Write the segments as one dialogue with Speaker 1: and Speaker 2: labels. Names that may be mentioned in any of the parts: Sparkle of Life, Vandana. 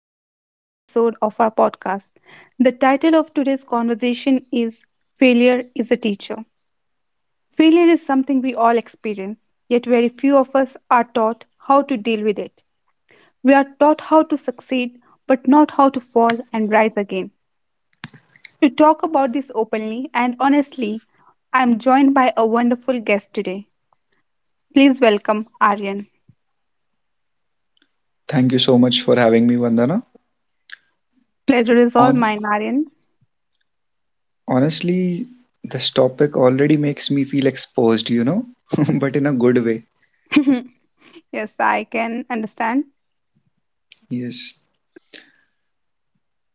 Speaker 1: to today's episode of our podcast. The title of today's conversation is Failure is a Teacher. Failure is something we all experience, yet very few of us are taught how to deal with it. We are taught how to succeed, but not how to fall and rise again. To talk about this openly and honestly, I'm joined by a wonderful guest today. Please welcome Aryan.
Speaker 2: Thank you so much for having me, Vandana.
Speaker 1: Pleasure is all
Speaker 2: On
Speaker 1: mine, Aryan.
Speaker 2: Honestly, this topic already makes me feel exposed, you know, but in a good way.
Speaker 1: Yes, I can understand.
Speaker 2: Yes,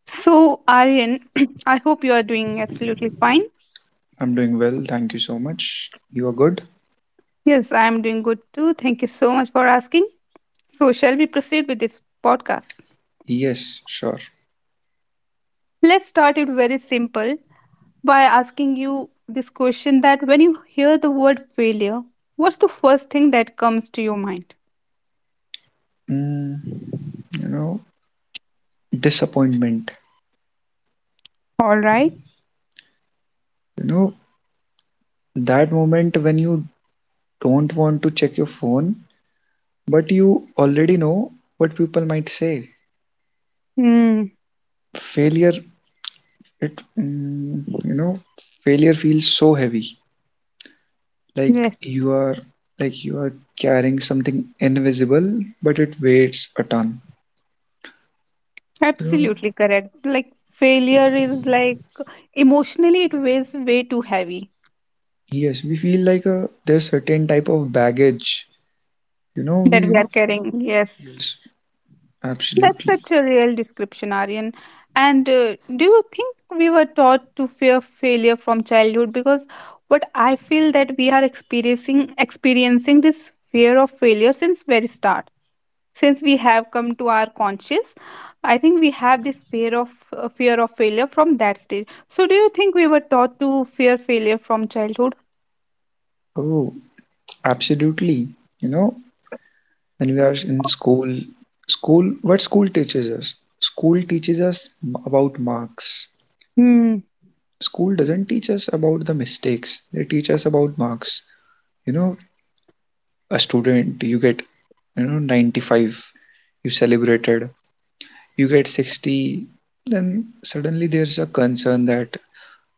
Speaker 1: So, Aryan, I hope you are doing absolutely fine.
Speaker 2: I'm doing well. Thank you so much. You are good?
Speaker 1: Yes, I am doing good too. Thank you so much for asking. So, shall we proceed with this podcast?
Speaker 2: Yes, sure.
Speaker 1: Let's start it very simple by asking you this question, that when you hear the word failure, what's the first thing that comes to your mind?
Speaker 2: Mm, you know, disappointment.
Speaker 1: All right.
Speaker 2: You know, that moment when you don't want to check your phone, but you already know what people might say.
Speaker 1: Hmm.
Speaker 2: Failure, it, mm, you know, failure feels so heavy. Like
Speaker 1: Yes,
Speaker 2: you are like you are carrying something invisible, but it weighs a ton. You know,
Speaker 1: absolutely correct. Like failure is like, emotionally it weighs way too heavy,
Speaker 2: yes, we feel like a there's certain type of baggage. You know,
Speaker 1: that we
Speaker 2: we
Speaker 1: are carrying. Yes.
Speaker 2: Yes,
Speaker 1: That's
Speaker 2: absolutely.
Speaker 1: such a real description, Aryan. And do you think we were taught to fear failure from childhood? Because what I feel that we are experiencing this fear of failure since very start. Since we have come to our conscious, I think we have this fear of failure from that stage. So, do you think we were taught to fear failure from childhood?
Speaker 2: Oh, absolutely. You know, when we are in school, school, what school teaches us? School teaches us about marks.
Speaker 1: Hmm.
Speaker 2: School doesn't teach us about the mistakes. They teach us about marks. You know, a student, you get you know 95, you celebrated. You get 60, then suddenly there's a concern that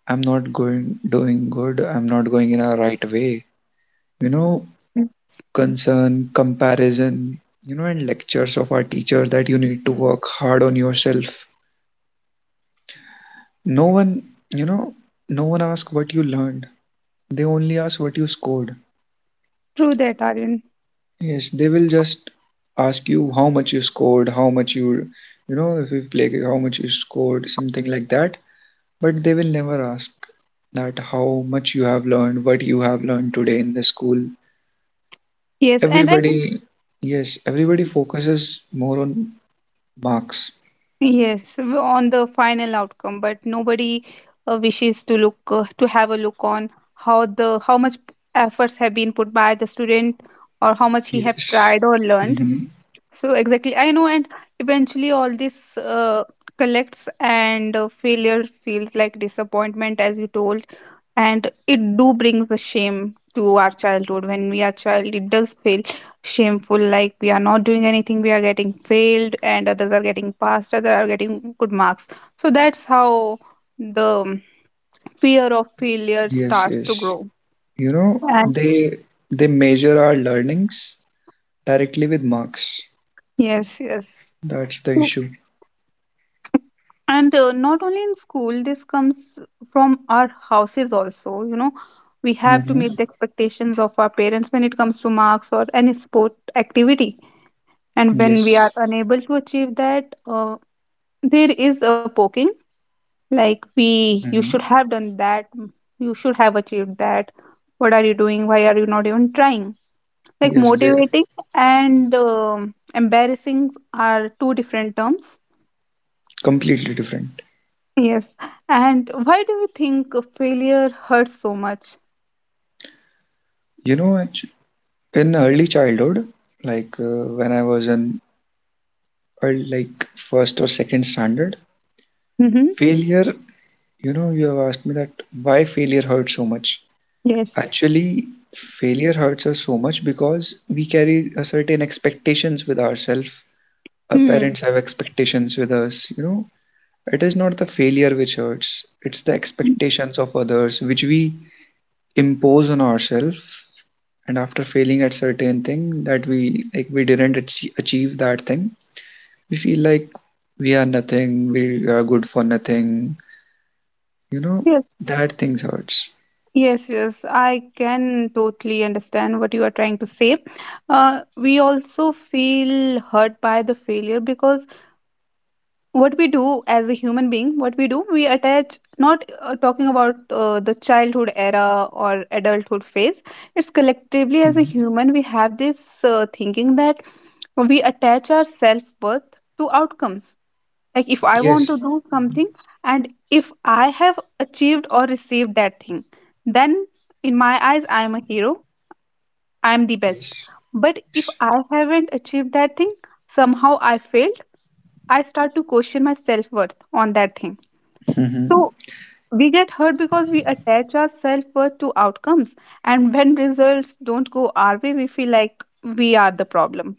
Speaker 2: I'm not going doing good, I'm not going in a right way, you know. Concern, comparison, you know, and lectures of our teacher that you need to work hard on yourself. No one, you know, no one asks what you learned. They only ask what you scored.
Speaker 1: True that, Aryan.
Speaker 2: Yes, they will just ask you how much you scored, how much you, you know, if you play how much you scored, something like that. But they will never ask that how much you have learned, what you have learned today in the school.
Speaker 1: Yes, and I think.
Speaker 2: Everybody, yes, everybody focuses more on marks.
Speaker 1: Yes, on the final outcome, but nobody wishes to look, to have a look on how much efforts have been put by the student, or how much he have
Speaker 2: Yes.
Speaker 1: tried or learned.
Speaker 2: hmm
Speaker 1: So exactly, I know, and eventually all this collects, and failure feels like disappointment, as you told, and it do brings a shame to our childhood. When we are child, it does feel shameful, like we are not doing anything, we are getting failed and others are getting passed, others are getting good marks. So that's how the fear of failure
Speaker 2: Yes,
Speaker 1: starts to
Speaker 2: yes.
Speaker 1: grow.
Speaker 2: You know,
Speaker 1: And
Speaker 2: they measure our learnings directly with marks.
Speaker 1: yes, yes.
Speaker 2: That's the issue.
Speaker 1: And not only in school this comes from our houses also. We have to
Speaker 2: Hmm
Speaker 1: meet the expectations of our parents when it comes to marks or any sport activity. And when we
Speaker 2: Yes.
Speaker 1: are unable to achieve that, there is a poking, like, you should
Speaker 2: hmm
Speaker 1: have done that, you should have achieved that. What are you doing? Why are you not even trying? Like
Speaker 2: Yes, they're
Speaker 1: motivating and embarrassing are two different terms.
Speaker 2: completely different.
Speaker 1: Yes. And why do you think failure hurts so much?
Speaker 2: You know, actu- in early childhood, like when I was in early, like first or second standard,
Speaker 1: Mm-hmm.
Speaker 2: failure, you know, you have asked me that why failure hurts so much.
Speaker 1: Yes.
Speaker 2: Actually, failure hurts us so much because we carry a certain expectations with ourselves. Our
Speaker 1: Hmm.
Speaker 2: parents have expectations with us, you know. It is not the failure which hurts, it's the expectations of others which we impose on ourselves. And after failing at certain thing that we like we didn't achieve that thing, we feel like we are nothing, we are good for nothing, you know, that things hurts.
Speaker 1: Yes, yes, I can totally understand what you are trying to say. We also feel hurt by the failure, because what we do as a human being, what we do, we attach, not talking about the childhood era or adulthood phase, it's collectively as a
Speaker 2: Mhm.
Speaker 1: human, we have this thinking that we attach our self worth to outcomes. Like if I want to
Speaker 2: Yes,
Speaker 1: do something, and if I have achieved or received that thing, then in my eyes I am a hero, I am the best.
Speaker 2: yes,
Speaker 1: But if
Speaker 2: yes.
Speaker 1: I haven't achieved that thing, somehow I failed, I start to question my self-worth on that thing.
Speaker 2: Mhm.
Speaker 1: So we get hurt because we attach our self-worth to outcomes, and when results don't go our way, we feel like we are the problem.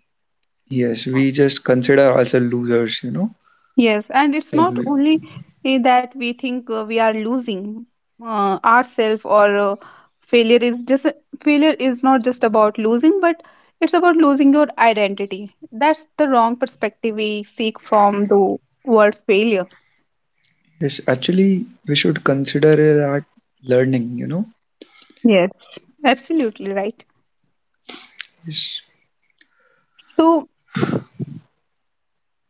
Speaker 2: Yes, we just consider ourselves losers, you know.
Speaker 1: Yes, and it's
Speaker 2: Like
Speaker 1: not
Speaker 2: we-
Speaker 1: only, that we think we are losing ourselves, or failure is just failure is not just about losing, but it's about losing your identity. That's the wrong perspective we seek from the word failure.
Speaker 2: yes, actually, we should consider that learning, you know.
Speaker 1: Yes, absolutely right.
Speaker 2: Yes.
Speaker 1: So,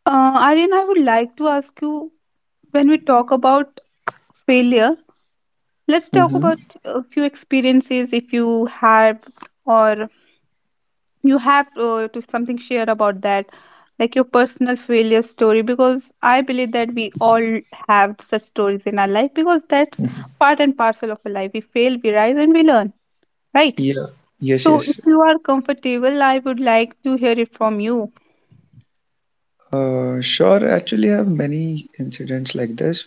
Speaker 1: Aryan, I would like to ask you, when we talk about failure, let's talk
Speaker 2: Mm-hmm.
Speaker 1: about a few experiences if you have, or you have to something share about that, like your personal failure story, because I believe that we all have such stories in our life, because that's part and parcel of a life. We fail, we rise, and we learn, right?
Speaker 2: Yeah. Yes,
Speaker 1: So if
Speaker 2: yes.
Speaker 1: you are comfortable, I would like to hear it from you,
Speaker 2: Sure, actually, I have many incidents like this,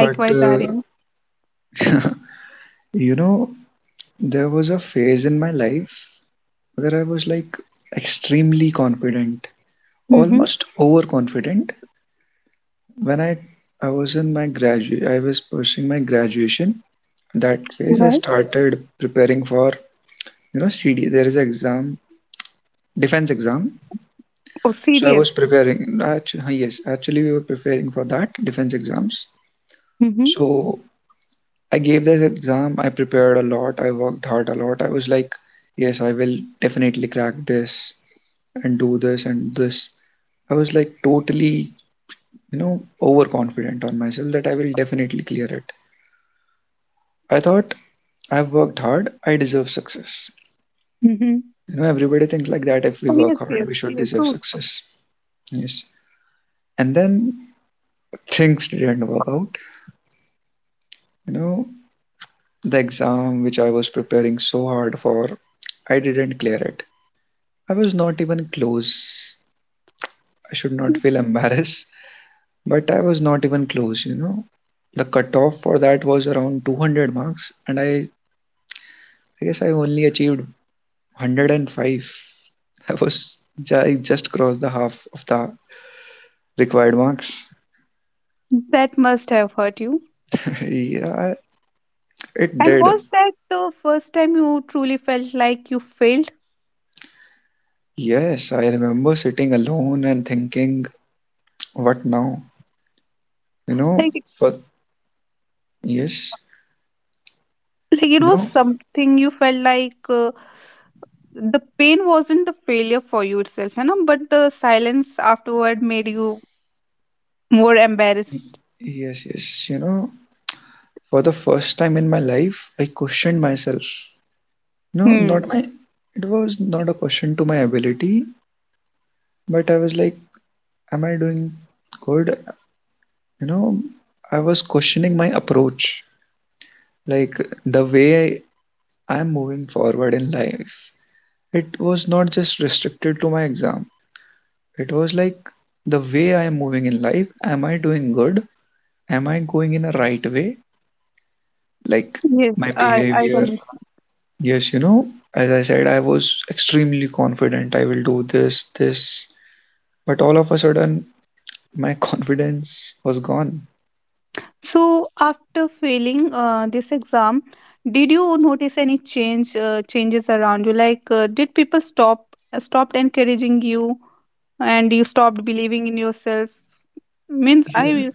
Speaker 2: but
Speaker 1: Aryan.
Speaker 2: you know, there was a phase in my life where I was like extremely confident,
Speaker 1: Mm-hmm.
Speaker 2: almost overconfident, when I was in my graduate, I was pursuing my graduation. That phase, I
Speaker 1: Right.
Speaker 2: started preparing for you know CD. There is an exam, defense exam.
Speaker 1: Oh,
Speaker 2: So I was
Speaker 1: serious.
Speaker 2: preparing. Actually, yes, actually we were preparing for that defense exams.
Speaker 1: Mm-hmm.
Speaker 2: So I gave this exam. I prepared a lot. I worked hard a lot. I was like, yes, I will definitely crack this and do this and this. I was like totally you know overconfident on myself that I will definitely clear it. I thought I've worked hard, I deserve success.
Speaker 1: Mm-hmm.
Speaker 2: You know, everybody thinks like that if we
Speaker 1: Oh,
Speaker 2: work
Speaker 1: yes,
Speaker 2: hard,
Speaker 1: yes,
Speaker 2: we should
Speaker 1: yes,
Speaker 2: deserve
Speaker 1: true.
Speaker 2: success. Yes. And then things didn't work out. You know, the exam which I was preparing so hard for, I didn't clear it. I was not even close. I should not feel embarrassed, but I was not even close, you know. The cutoff for that was around 200 marks, and I guess I only achieved 105. I was I just crossed the half of the required marks.
Speaker 1: That must have hurt you.
Speaker 2: Yeah, it
Speaker 1: And
Speaker 2: did.
Speaker 1: was that the first time you truly felt like you failed?
Speaker 2: Yes, I remember sitting alone and thinking, what now? You know,
Speaker 1: Like,
Speaker 2: for Yes,
Speaker 1: like, it
Speaker 2: you
Speaker 1: was
Speaker 2: know,
Speaker 1: something you felt like, the pain wasn't the failure for you itself, but the silence afterward made you more embarrassed.
Speaker 2: yes, yes, you know, for the first time in my life, I questioned myself. No,
Speaker 1: Hmm.
Speaker 2: not my, It was not a question to my ability, but I was like, am I doing good? You know, I was questioning my approach, like the way I am moving forward in life. It was not just restricted to my exam. It was like the way I am moving in life, am I doing good? Am I going in a right way? Like
Speaker 1: Yes,
Speaker 2: my
Speaker 1: I
Speaker 2: behavior.
Speaker 1: can.
Speaker 2: Yes, you know, as I said, I was extremely confident I will do this, this, but all of a sudden my confidence was gone.
Speaker 1: So after failing this exam, did you notice any changes around you, like, did people stopped encouraging you, and you stopped believing in yourself? Means
Speaker 2: Yes.
Speaker 1: I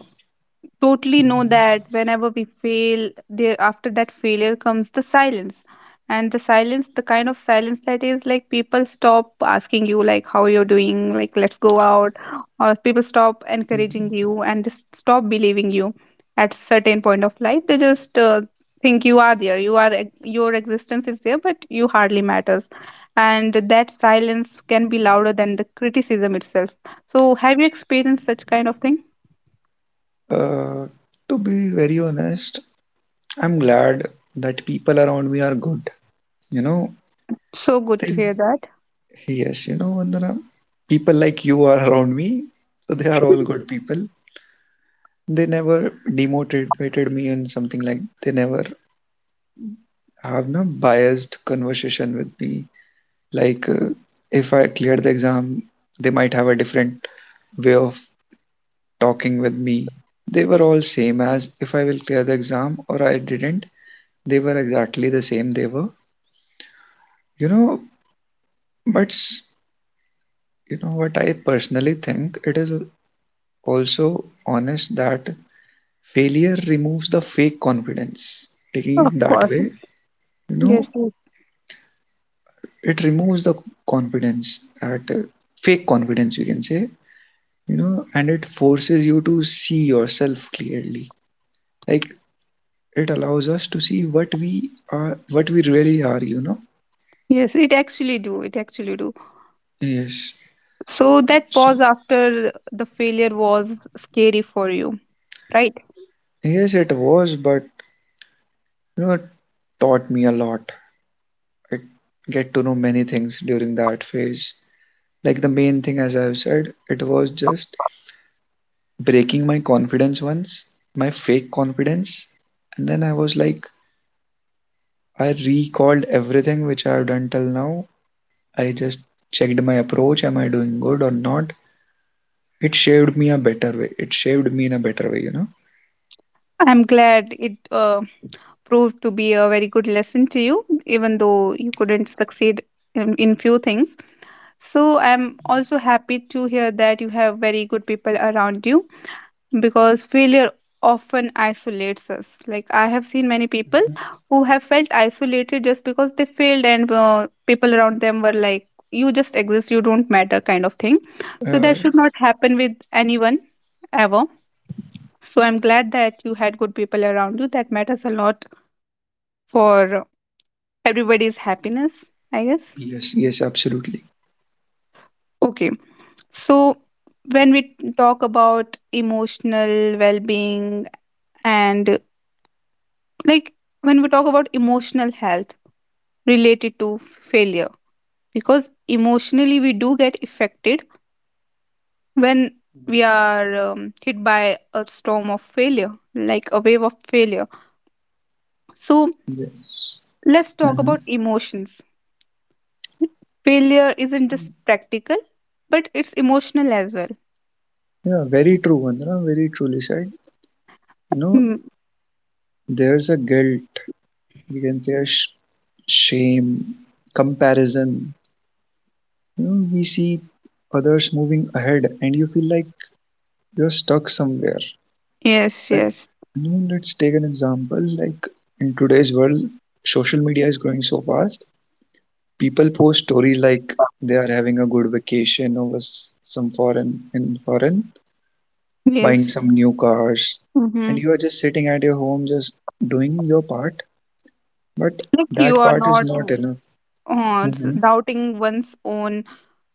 Speaker 1: totally know that whenever we fail, there after that failure comes the silence. And the silence, the kind of silence that is like people stop asking you like how you're doing, like let's go out, or people stop encouraging you and just stop believing you. At certain point of life, they just think you are there, you are your existence is there, but you hardly matters. And that silence can be louder than the criticism itself. So have you experienced such kind of thing?
Speaker 2: Uh, to be very honest, I'm glad that people around me are good. You know,
Speaker 1: So good
Speaker 2: they,
Speaker 1: to hear that.
Speaker 2: yes, you know, Vandana, people like you are around me, so they are all good people. They never demotivated me on something like they never have no biased conversation with me. Like if I clear the exam, they might have a different way of talking with me. They were all same as if I will clear the exam or I didn't. They were exactly the same they were. You know, but s- you know what I personally think it is also honest that failure removes the fake confidence. Taking
Speaker 1: Of
Speaker 2: it that
Speaker 1: course.
Speaker 2: way, you know,
Speaker 1: Yes, yes,
Speaker 2: it removes the confidence that fake confidence you can say, you know, and it forces you to see yourself clearly, like it allows us to see what we are, what we really are, you know.
Speaker 1: yes, it actually do. It actually do.
Speaker 2: Yes,
Speaker 1: So that
Speaker 2: so
Speaker 1: pause after the failure was scary for you, right?
Speaker 2: yes it was, but you know it taught me a lot. I get to know many things during that phase, like the main thing as I've said, it was just breaking my confidence once, my fake confidence. And then I was like, I recalled everything which I've done till now. I just checked my approach. Am I doing good or not? It shaped me in a better way, you know.
Speaker 1: I'm glad it proved to be a very good lesson to you, even though you couldn't succeed in few things. So I'm also happy to hear that you have very good people around you, because failure often isolates us, like I have seen many people who have felt isolated just because they failed, and people around them were like, you just exist, you don't matter, kind of thing. So
Speaker 2: Uh,
Speaker 1: that should not happen with anyone ever. So I'm glad that you had good people around you, that matters a lot for everybody's happiness, I guess.
Speaker 2: yes, yes, absolutely.
Speaker 1: Okay. So when we talk about emotional well-being, and like, when we talk about emotional health related to failure, because emotionally we do get affected when we are hit by a storm of failure, like a wave of failure. So
Speaker 2: Yes.
Speaker 1: let's talk
Speaker 2: hmm
Speaker 1: about emotions. Failure isn't just practical, but it's emotional as well.
Speaker 2: Yeah, very true, Vandana. Very truly said. You know,
Speaker 1: Mm,
Speaker 2: there's a guilt. We can say a shame, comparison. You know, we see others moving ahead, and you feel like you're stuck somewhere.
Speaker 1: yes,
Speaker 2: Let,
Speaker 1: yes.
Speaker 2: I mean, let's take an example. Like in today's world, social media is growing so fast. People post stories like they are having a good vacation over some foreign in foreign, buying
Speaker 1: Yes.
Speaker 2: some new cars,
Speaker 1: Mm-hmm.
Speaker 2: and you are just sitting at your home, just doing your part. But
Speaker 1: Like you
Speaker 2: that
Speaker 1: are
Speaker 2: part is
Speaker 1: not,
Speaker 2: not enough.
Speaker 1: uh,
Speaker 2: Hmm
Speaker 1: doubting one's own,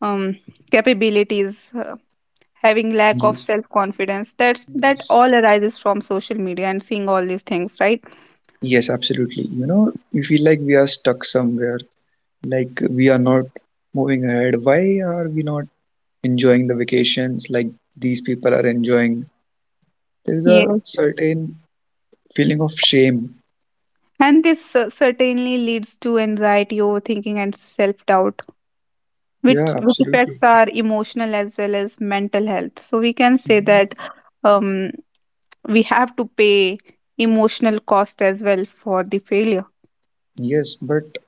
Speaker 1: um, capabilities, having lack of
Speaker 2: Yes.
Speaker 1: self confidence. That
Speaker 2: Yes.
Speaker 1: all arises from social media and seeing all these things, right?
Speaker 2: Yes, absolutely. You know, we feel like we are stuck somewhere, like we are not moving ahead. Why are we not enjoying the vacations like these people are enjoying. There is a
Speaker 1: Yes,
Speaker 2: certain feeling of shame.
Speaker 1: and this certainly leads to anxiety, overthinking and self doubt, which
Speaker 2: Yeah,
Speaker 1: which affects
Speaker 2: absolutely.
Speaker 1: our emotional as well as mental health. So we can say
Speaker 2: Mhm.
Speaker 1: that um we have to pay emotional cost as well for the failure.
Speaker 2: Yes, but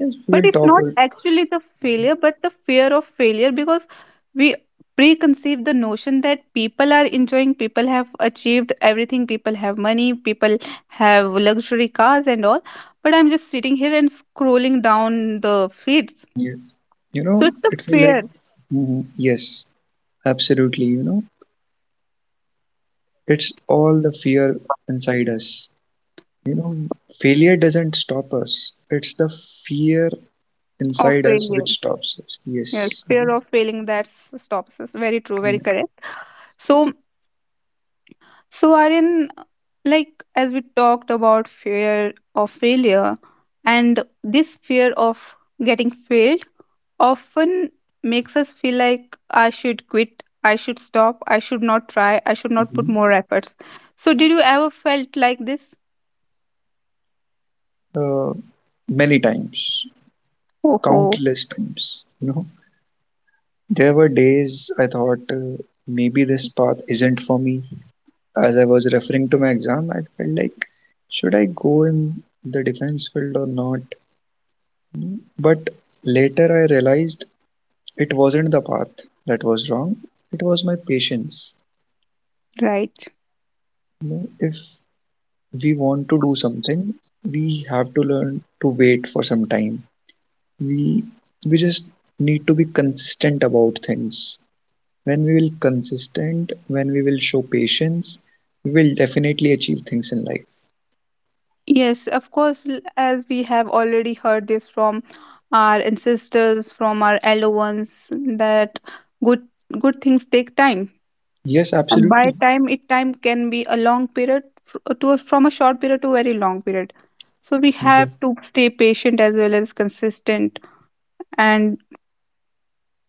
Speaker 2: yes, we
Speaker 1: But
Speaker 2: will
Speaker 1: it's
Speaker 2: talk.
Speaker 1: not actually the
Speaker 2: Mhm.
Speaker 1: failure, but the fear of failure, because we preconceive the notion that people are enjoying, people have achieved everything, people have money, people have luxury cars and all, but I'm just sitting here and scrolling down the feeds.
Speaker 2: Yes, you
Speaker 1: So
Speaker 2: know,
Speaker 1: it's the
Speaker 2: it feel
Speaker 1: fear
Speaker 2: like Mhm. Yes, absolutely. You know, it's all the fear inside us. You know, failure doesn't stop us. It's the fear
Speaker 1: of
Speaker 2: inside us
Speaker 1: failure.
Speaker 2: which stops us.
Speaker 1: Yes,
Speaker 2: Yes.
Speaker 1: fear of failing, that stops us. Very true, very
Speaker 2: Mhm.
Speaker 1: correct. So So, Aryan, like as we talked about fear of failure, and this fear of getting failed often makes us feel like I should quit, I should stop, I should not try, I should not put
Speaker 2: Mhm.
Speaker 1: more efforts. So, did you ever felt like this?
Speaker 2: Uh, Many times,
Speaker 1: Oh, oh,
Speaker 2: countless times. You know, there were days I thought maybe this path isn't for me. As I was referring to my exam, I felt like, should I go in the defense field or not? But later I realized it wasn't the path that was wrong, it was my patience.
Speaker 1: right.
Speaker 2: You know, if we want to do something, we have to learn to wait for some time. We we just need to be consistent about things. When we will consistent, when we will show patience, we will definitely achieve things in life.
Speaker 1: Yes, of course, as we have already heard this from our ancestors, from our elder ones, that good good things take time.
Speaker 2: Yes,
Speaker 1: And by
Speaker 2: absolutely.
Speaker 1: time, it time can be a long period, from a short period to very long period. So we
Speaker 2: Yeah.
Speaker 1: have to stay patient as well as consistent, and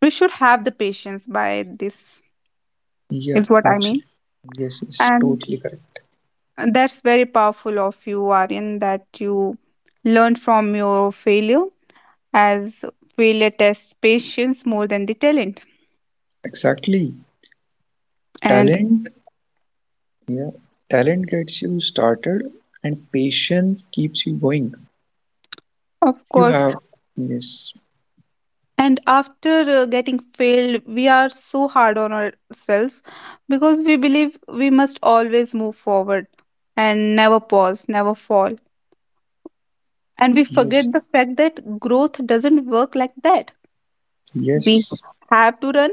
Speaker 1: we should have the patience, by this
Speaker 2: Yeah,
Speaker 1: is what I mean.
Speaker 2: absolutely. Yes, yes,
Speaker 1: And
Speaker 2: totally correct.
Speaker 1: that's very powerful of you, Aryan, that you learned from your failure, as failure tests patience more than the talent.
Speaker 2: Exactly,
Speaker 1: And
Speaker 2: talent. Yeah, talent gets you started and patience keeps you going.
Speaker 1: of
Speaker 2: You
Speaker 1: course.
Speaker 2: have, yes,
Speaker 1: And after getting failed, we are so hard on ourselves, because we believe we must always move forward and never pause, never fall. And we
Speaker 2: yes,
Speaker 1: forget the fact that growth doesn't work like that. We
Speaker 2: yes.
Speaker 1: have to run,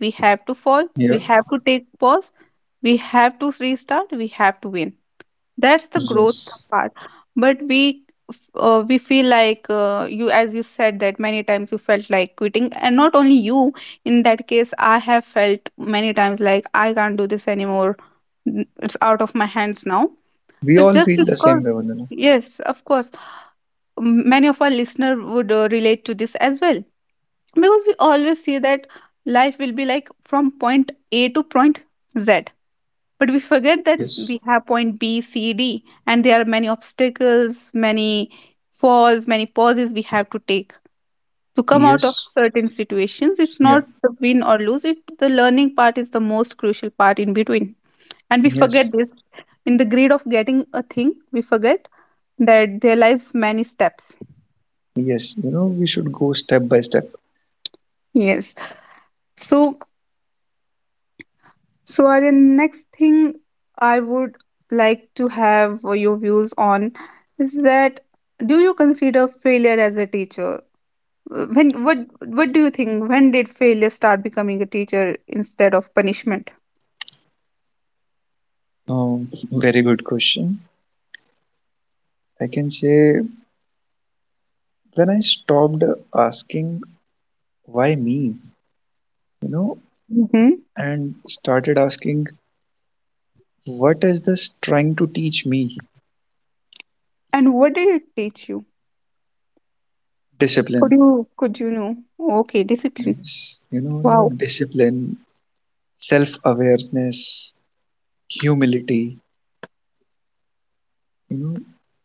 Speaker 1: we have to fall, we
Speaker 2: Yeah,
Speaker 1: have to take pause, we have to restart, we have to win. That's the growth
Speaker 2: yes,
Speaker 1: part. But we feel like, you as you said, that many times you felt like quitting. And not only you, in that case I have felt many times like I can't do this anymore. It's out of my hands now.
Speaker 2: we
Speaker 1: It's
Speaker 2: all
Speaker 1: just
Speaker 2: feel the
Speaker 1: because,
Speaker 2: same way, Vandana.
Speaker 1: yes of course, many of our listener would relate to this as well. Because we always see that life will be like from point A to point Z, but we forget that
Speaker 2: Yes,
Speaker 1: we have point B, C, D, and there are many obstacles, many falls, many pauses we have to take to come out of
Speaker 2: yes.
Speaker 1: certain situations. It's
Speaker 2: Yeah,
Speaker 1: not the win or lose, it the learning part is the most crucial part in between. And we
Speaker 2: yes,
Speaker 1: forget this in the greed of getting a thing, we forget that there lies many steps.
Speaker 2: yes, you know, we should go step by step.
Speaker 1: Yes. So So, Aryan, next thing I would like to have your views on is that do you consider failure as a teacher? When what do you think? When did failure start becoming a teacher instead of punishment?
Speaker 2: Um, Very good question. I can say when I stopped asking why me, you know,
Speaker 1: Hmm.
Speaker 2: and started asking what is this trying to teach me?
Speaker 1: And what did it teach you?
Speaker 2: Discipline.
Speaker 1: Could you could you know? Okay, discipline.
Speaker 2: Yes. You know,
Speaker 1: Wow.
Speaker 2: discipline, self-awareness, humility. You know,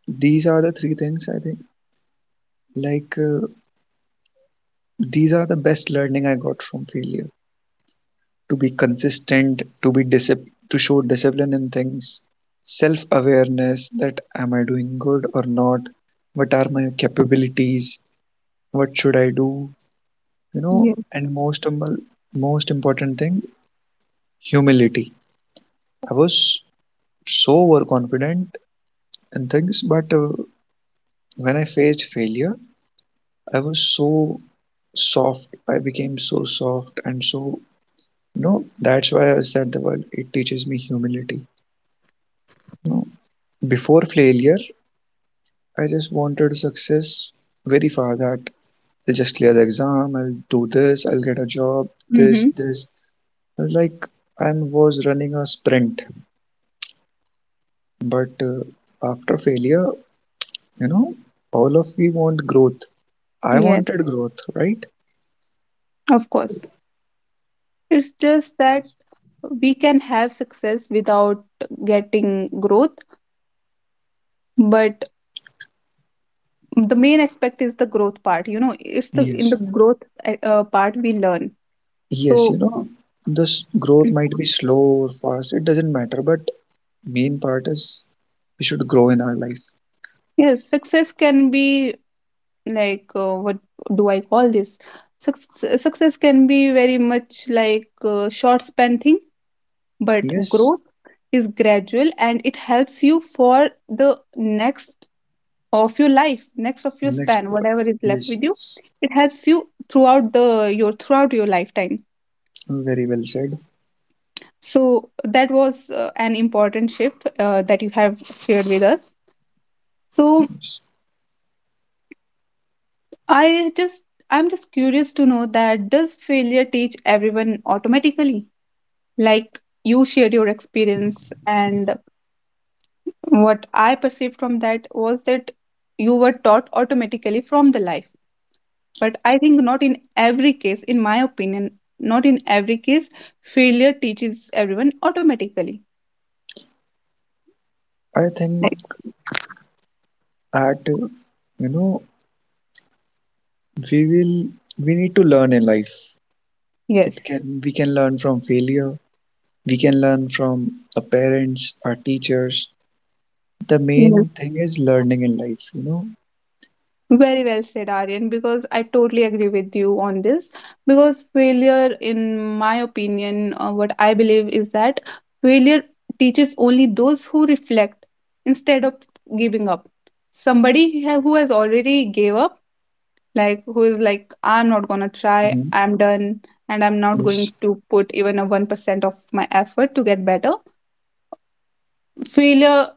Speaker 2: these are the three things I think. Like these are the best learning I got from failure. To be consistent, to be to show discipline in things, self-awareness that am I doing good or not, what are my capabilities, what should I do, you know,
Speaker 1: Yeah.
Speaker 2: and most important thing, humility. I was so overconfident in things, but when I faced failure, I was so soft. I became so soft and so, you know, that's why I said the word. It teaches me humility. You know, before failure, I just wanted success very far that I'll just clear the exam, I'll do this, I'll get a job, this,
Speaker 1: Mm-hmm.
Speaker 2: this. I was like I was running a sprint, but after failure, you know, all of we want growth. I
Speaker 1: Yeah.
Speaker 2: wanted growth, right?
Speaker 1: Of course. It's just that we can have success without getting growth, but the main aspect is the growth part. It's the in
Speaker 2: Yes.
Speaker 1: the growth part we learn,
Speaker 2: Yes,
Speaker 1: so
Speaker 2: you know, this growth might be slow or fast, it doesn't matter, but main part is we should grow in our life.
Speaker 1: yes success can be like what do I call this success, success can be very much like short span thing, but
Speaker 2: Yes,
Speaker 1: growth is gradual and it helps you for the next of your life, next of your
Speaker 2: next
Speaker 1: span
Speaker 2: part.
Speaker 1: whatever is left
Speaker 2: Yes,
Speaker 1: with you.
Speaker 2: yes.
Speaker 1: It helps you throughout the your throughout your lifetime.
Speaker 2: Very well said.
Speaker 1: So that was an important shift that you have shared with us. So I just I'm just curious to know that does failure teach everyone automatically? Like you shared your experience, and what I perceived from that was that you were taught automatically from the life. But I think not in every case, in my opinion, not in every case, failure teaches everyone automatically.
Speaker 2: I think
Speaker 1: Like,
Speaker 2: at you know we will we need to learn in life.
Speaker 1: yes.
Speaker 2: It can we can learn from failure. We can learn from our parents, our teachers. The main thing is learning in life, you know.
Speaker 1: Very well said, Aryan, because I totally agree with you on this. Because failure, in my opinion, what I believe is that failure teaches only those who reflect instead of giving up. Who has already gave up, like who is like, I'm not gonna try,
Speaker 2: Mhm.
Speaker 1: I'm done, and I'm not going
Speaker 2: Yes,
Speaker 1: to put even a 1% of my effort to get better. Failure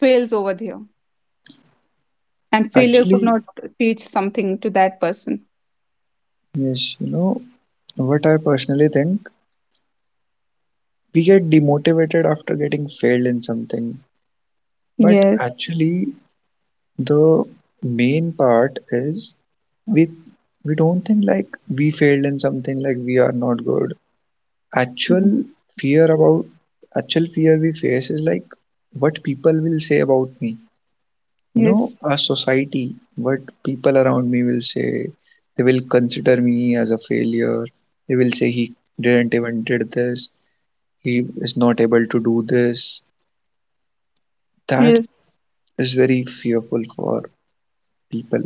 Speaker 1: fails over there, and failure could
Speaker 2: actually.
Speaker 1: not teach something to that person.
Speaker 2: Yes, you know, what I personally think, we get demotivated after getting failed in something, but
Speaker 1: Yes.
Speaker 2: actually the main part is we we don't think like we failed in something, like we are not good. actual fear about Actual fear we face is like, what people will say about me, you know,
Speaker 1: Yes,
Speaker 2: our society, what people around me will say. They will consider me as a failure. They will say he didn't even did this, he is not able to do this. That
Speaker 1: yes,
Speaker 2: is very fearful for people.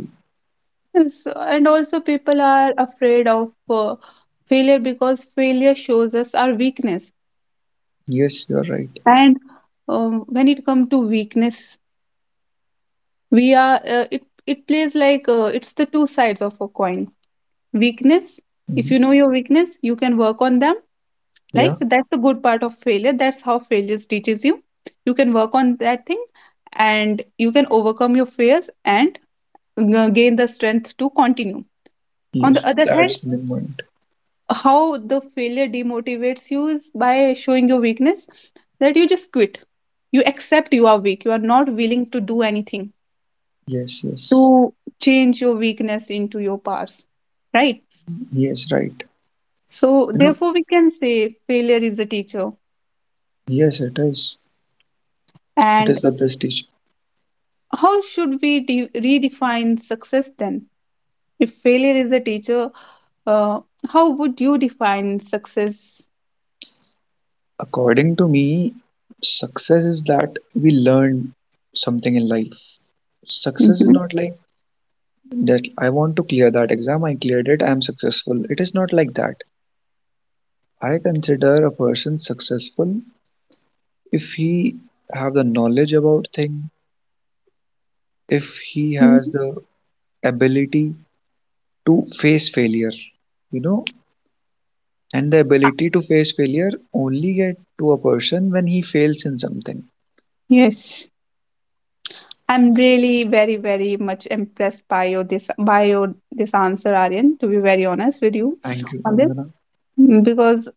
Speaker 1: yes. And also, people are afraid of failure because failure shows us our weakness.
Speaker 2: Yes, you're right.
Speaker 1: And when it comes to weakness, we are uh, it plays like it's the two sides of a coin. Weakness. If you
Speaker 2: Hmm.
Speaker 1: know your weakness, you can work on them.
Speaker 2: Yeah.
Speaker 1: Like, that's the good part of failure. That's how failures teaches you. You can work on that thing, and you can overcome your fears and gain the strength to continue. On the
Speaker 2: Yes,
Speaker 1: other hand,
Speaker 2: that's the moment.
Speaker 1: how the failure demotivates you is by showing your weakness, that you just quit, you accept you are weak, you are not willing to do anything
Speaker 2: Yes, yes.
Speaker 1: to change your weakness into your powers, right?
Speaker 2: Yes, right.
Speaker 1: So
Speaker 2: You know,
Speaker 1: therefore we can say failure is a teacher.
Speaker 2: yes, it is. It
Speaker 1: And
Speaker 2: is the best teacher.
Speaker 1: how should we de- redefine success then, if failure is a teacher? uh, how would you define success?
Speaker 2: According to me, success is that we learn something in life. Success is
Speaker 1: Mhm.
Speaker 2: not like that I want to clear that exam, I cleared it, I am successful. It is not like that. I consider a person successful if he have the knowledge about thing, if he has
Speaker 1: Mhm.
Speaker 2: the ability to face failure, you know, and the
Speaker 1: Ah,
Speaker 2: ability to face failure only get to a person when he fails in something.
Speaker 1: yes. I'm really very, very much impressed by your this answer, Aryan, to be very honest with you
Speaker 2: Thank you,
Speaker 1: on this.
Speaker 2: Vandana.
Speaker 1: Mm. Because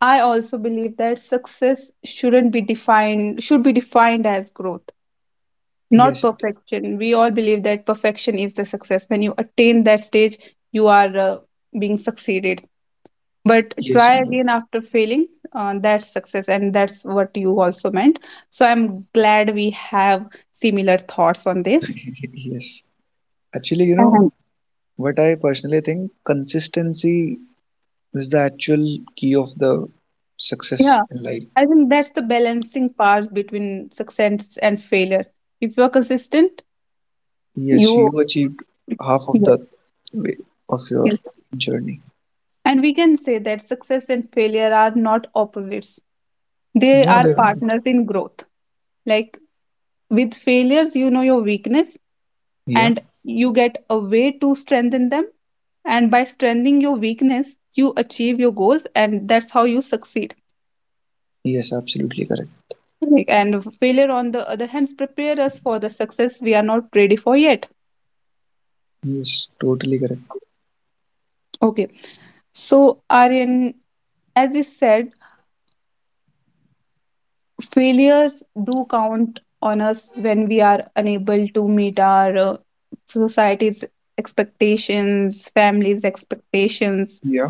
Speaker 1: I also believe that success shouldn't be defined should be defined as growth, not
Speaker 2: Yes,
Speaker 1: perfection. We all believe that perfection is the success. When you attain that stage, you are being succeeded. But
Speaker 2: yes,
Speaker 1: try
Speaker 2: you're
Speaker 1: again
Speaker 2: right.
Speaker 1: after failing, that's success, and that's what you also meant. So I'm glad we have similar thoughts on this.
Speaker 2: Yes. Actually, you know,
Speaker 1: And
Speaker 2: what I personally think, consistency is the actual key of the success
Speaker 1: yeah,
Speaker 2: in life.
Speaker 1: I think that's the balancing part between success and failure. If you're consistent,
Speaker 2: Yes,
Speaker 1: you
Speaker 2: you achieved half of
Speaker 1: yes,
Speaker 2: the way of your
Speaker 1: yes.
Speaker 2: journey.
Speaker 1: And we can say that success and failure are not opposites. They
Speaker 2: No,
Speaker 1: are
Speaker 2: they are not.
Speaker 1: partners in growth. Like, with failures, you know your weakness
Speaker 2: Yeah.
Speaker 1: and you get a way to strengthen them. And by strengthening your weakness, you achieve your goals, and that's how you succeed.
Speaker 2: Yes, absolutely correct.
Speaker 1: Like, and failure, on the other hand, prepare us for the success we are not ready for yet.
Speaker 2: Yes, totally correct.
Speaker 1: Okay. So, Aryan, as you said, failures do count on us when we are unable to meet our society's expectations, family's expectations.
Speaker 2: Yeah.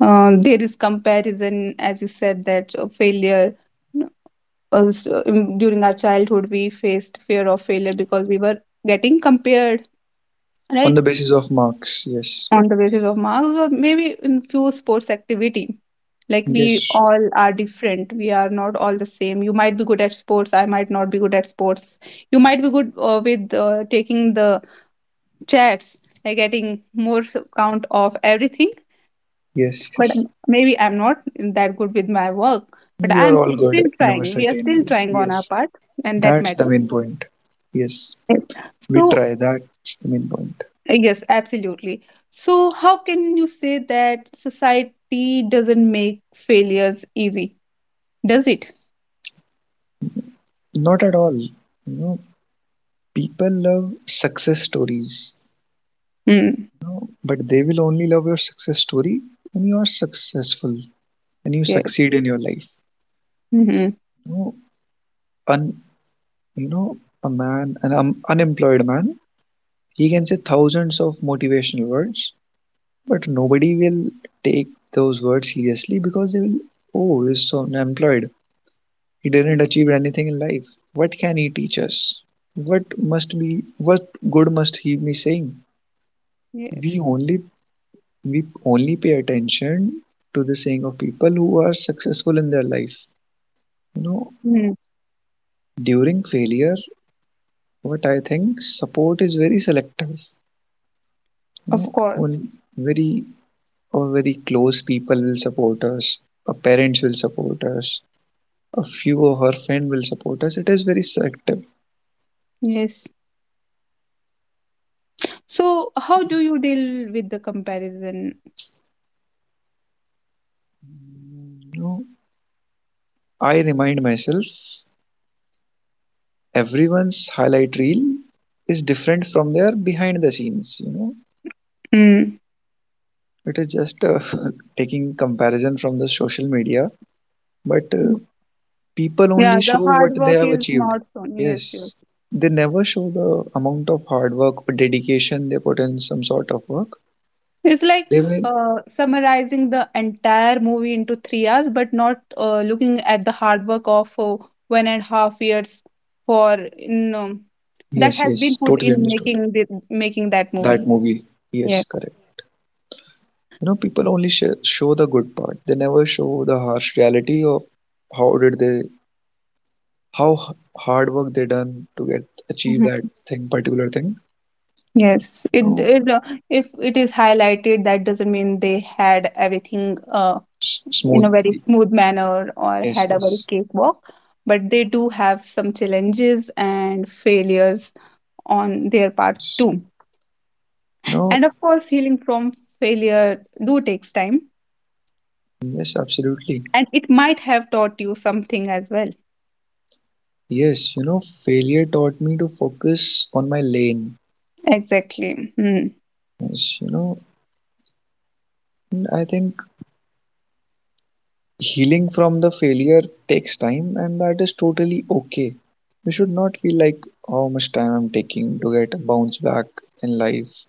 Speaker 1: There is comparison, as you said, that failure. Also, during our childhood, we faced fear of failure because we were getting compared,
Speaker 2: On
Speaker 1: right?
Speaker 2: the basis of marks. Yes.
Speaker 1: On the basis of marks or maybe in few sports activity, like we
Speaker 2: Yes.
Speaker 1: all are different, we are not all the same. You might be good at sports, I might not be good at sports. You might be good with taking the chats, like getting more count of everything,
Speaker 2: Yes.
Speaker 1: but
Speaker 2: Yes.
Speaker 1: maybe I'm not that good with my work. But
Speaker 2: We are
Speaker 1: I'm
Speaker 2: all
Speaker 1: still
Speaker 2: good in our
Speaker 1: trying we are
Speaker 2: certain
Speaker 1: still
Speaker 2: ways.
Speaker 1: trying on our
Speaker 2: Yes.
Speaker 1: part, and that
Speaker 2: That's the
Speaker 1: matters.
Speaker 2: main point. Yes.
Speaker 1: Yes.
Speaker 2: We
Speaker 1: So
Speaker 2: try. That's the main point.
Speaker 1: yes, absolutely. So, how can you say that society doesn't make failures easy? Does it?
Speaker 2: Not at all. You know, people love success stories,
Speaker 1: Mm.
Speaker 2: but they will only love your success story when you are successful, when you
Speaker 1: Yeah.
Speaker 2: succeed in your life.
Speaker 1: Hmm.
Speaker 2: You know, un, you know, a man, an unemployed man, he can say thousands of motivational words, but nobody will take those words seriously, because they will, oh, he's so unemployed. He didn't achieve anything in life. What can he teach us? What good must he be saying?
Speaker 1: Yes.
Speaker 2: We only we only pay attention to the saying of people who are successful in their life, you know.
Speaker 1: Mm.
Speaker 2: During failure, what I think, support is very selective, you
Speaker 1: Of
Speaker 2: know.
Speaker 1: course.
Speaker 2: On Very or very close people will support us. Our parents will support us. A few of our friends will support us. It is very selective.
Speaker 1: Yes. So, how do you deal with the comparison?
Speaker 2: You know, I remind myself, everyone's highlight reel is different from their behind the scenes, you know.
Speaker 1: Mm.
Speaker 2: It is just taking comparison from the social media, but people only
Speaker 1: Yeah, the
Speaker 2: show
Speaker 1: hard
Speaker 2: what they
Speaker 1: work
Speaker 2: have
Speaker 1: is
Speaker 2: achieved.
Speaker 1: not shown. Yes, yes.
Speaker 2: Yes, they never show the amount of hard work or dedication they put in some sort of work.
Speaker 1: It's like
Speaker 2: They will
Speaker 1: summarizing the entire movie into 3 hours, but not looking at the hard work of 1.5 years for
Speaker 2: Yes,
Speaker 1: that
Speaker 2: yes.
Speaker 1: has been
Speaker 2: Totally
Speaker 1: put
Speaker 2: understood.
Speaker 1: in making that
Speaker 2: That
Speaker 1: movie.
Speaker 2: movie, yes,
Speaker 1: Yes.
Speaker 2: correct. You know, people only show the good part. They never show the harsh reality of how did they how h- hard work they done to get achieve
Speaker 1: Mhm.
Speaker 2: that thing, particular thing, you
Speaker 1: Yes. It,
Speaker 2: know.
Speaker 1: it uh, if it is highlighted, that doesn't mean they had everything in a very
Speaker 2: Smoothly,
Speaker 1: smooth manner or
Speaker 2: yes,
Speaker 1: had a very
Speaker 2: yes.
Speaker 1: cakewalk, but they do have some challenges and failures on their part too. And
Speaker 2: No.
Speaker 1: of course, healing from failure do takes time,
Speaker 2: Yes, absolutely.
Speaker 1: and it might have taught you something as well.
Speaker 2: Yes, you know, failure taught me to focus on my lane.
Speaker 1: Exactly. Hmm.
Speaker 2: Yes, you know, and I think healing from the failure takes time, and that is totally okay. We should not feel like how much time I'm taking to get a bounce back in life.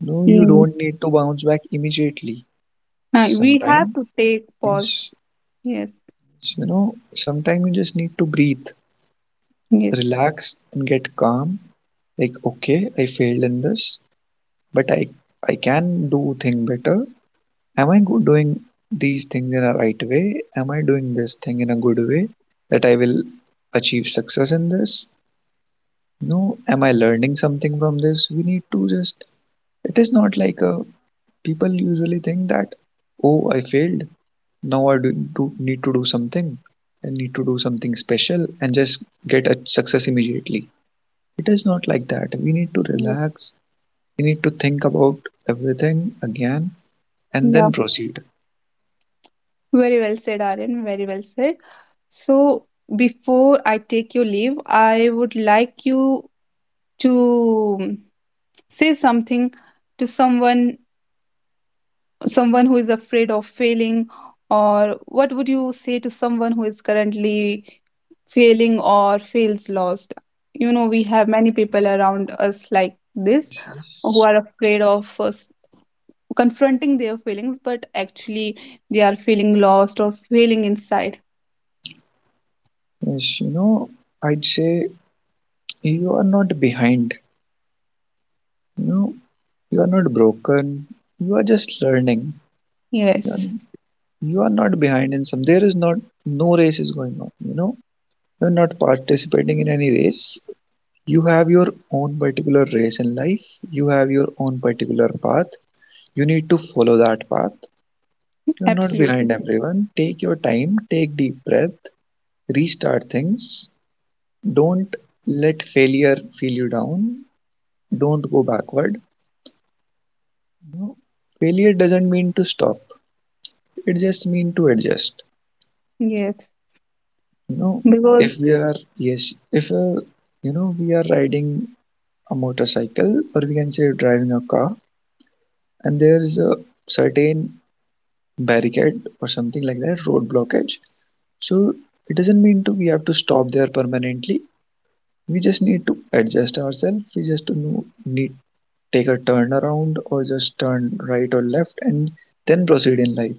Speaker 2: No, you
Speaker 1: Yeah.
Speaker 2: don't need to bounce back immediately.
Speaker 1: We have
Speaker 2: Sometime,
Speaker 1: to take pause.
Speaker 2: yes,
Speaker 1: Yes.
Speaker 2: yes, you know, sometime you just need to breathe,
Speaker 1: Yes.
Speaker 2: relax, and get calm. Like, okay, I failed in this, but I can do thing better. Doing these things in a right way? Am I doing this thing in a good way that I will achieve success in this? No, am I learning something from this? We need to just, it is not like a, people usually think that, oh, I failed. Now I do, do, need to do something. I need to do something special and just get a success immediately. It is not like that. We need to
Speaker 1: Yes.
Speaker 2: relax. We need to think about everything again and
Speaker 1: Yeah.
Speaker 2: then proceed.
Speaker 1: Very well said, Aryan. Very well said. So before I take your leave, I would like you to say something to someone who is afraid of failing, or what would you say to someone who is currently failing or feels lost. You know, we have many people around us like this
Speaker 2: Yes,
Speaker 1: who
Speaker 2: yes.
Speaker 1: are afraid of us confronting their feelings, but actually they are feeling lost or feeling inside.
Speaker 2: Yes, you know, I'd say you are not behind. You know, you are not broken. You are just learning. You are,
Speaker 1: Yes,
Speaker 2: you are not behind in some. There is not No race is going on. You know, you are not participating in any race. You have your own particular race in life. You have your own particular path. You need to follow that path. You are not
Speaker 1: absolutely.
Speaker 2: behind everyone. Take your time. Take deep breath. Restart things. Don't let failure feel you down. Don't go backward. No, failure doesn't mean to stop, it just mean to adjust,
Speaker 1: Yes,
Speaker 2: you know.
Speaker 1: because
Speaker 2: If we are, yes, if you know, we are riding a motorcycle, or we can say driving a car, and there is a certain barricade or something like that, road blockage, so it doesn't mean to we have to stop there permanently. We just need to adjust ourselves. We just need take a turn around or just turn right or left and then proceed in life.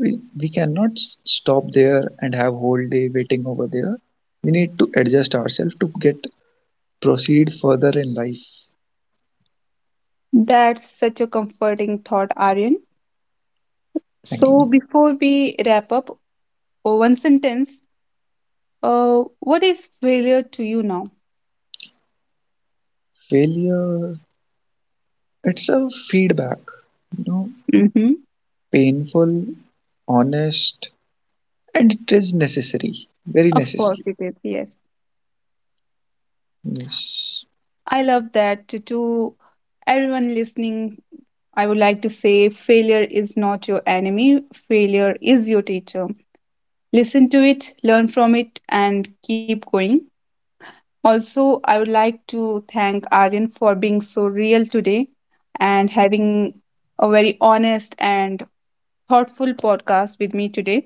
Speaker 2: We cannot stop there and have whole day waiting over there. We need to adjust ourselves to get proceed further in life.
Speaker 1: that's such a comforting thought, Aryan.
Speaker 2: Actually,
Speaker 1: So before we wrap up, one sentence. What is failure to you now?
Speaker 2: failure, it's a feedback, you know.
Speaker 1: Mm-hmm.
Speaker 2: Painful, honest, and it is necessary, very
Speaker 1: Of course
Speaker 2: necessary.
Speaker 1: it is. Yes.
Speaker 2: Yes.
Speaker 1: I love that. To everyone listening, I would like to say failure is not your enemy, failure is your teacher. Listen to it, learn from it, and keep going. Also, I would like to thank Aryan for being so real today and having a very honest and thoughtful podcast with me today.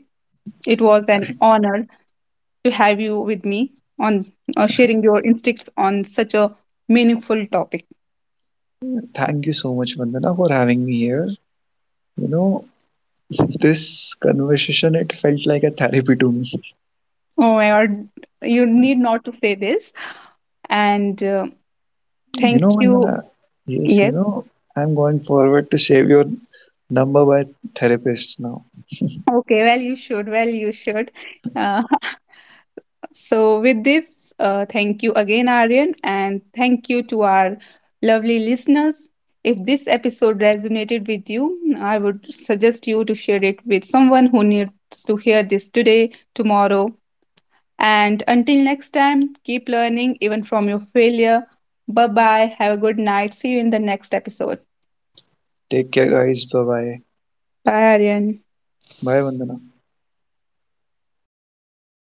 Speaker 1: It was an honor to have you with me on sharing your instincts on such a meaningful topic.
Speaker 2: Thank you so much, Vandana, for having me here. You know, this conversation, it felt like a therapy to me.
Speaker 1: Oh my God, you need not to say this. And
Speaker 2: You
Speaker 1: thank
Speaker 2: know,
Speaker 1: you.
Speaker 2: Vandana, yes, you
Speaker 1: Yes.
Speaker 2: know, I'm going forward to save your number by therapist now.
Speaker 1: Okay. Well, you should. Well, you should. Uh, so, with this, thank you again, Aryan, and thank you to our lovely listeners. If this episode resonated with you, I would suggest you to share it with someone who needs to hear this today, tomorrow. And until next time, keep learning even from your failure. Bye bye. Have a good night. See you in the next episode.
Speaker 2: Take care, guys. Bye bye.
Speaker 1: Bye, Aryan.
Speaker 2: Bye, Vandana.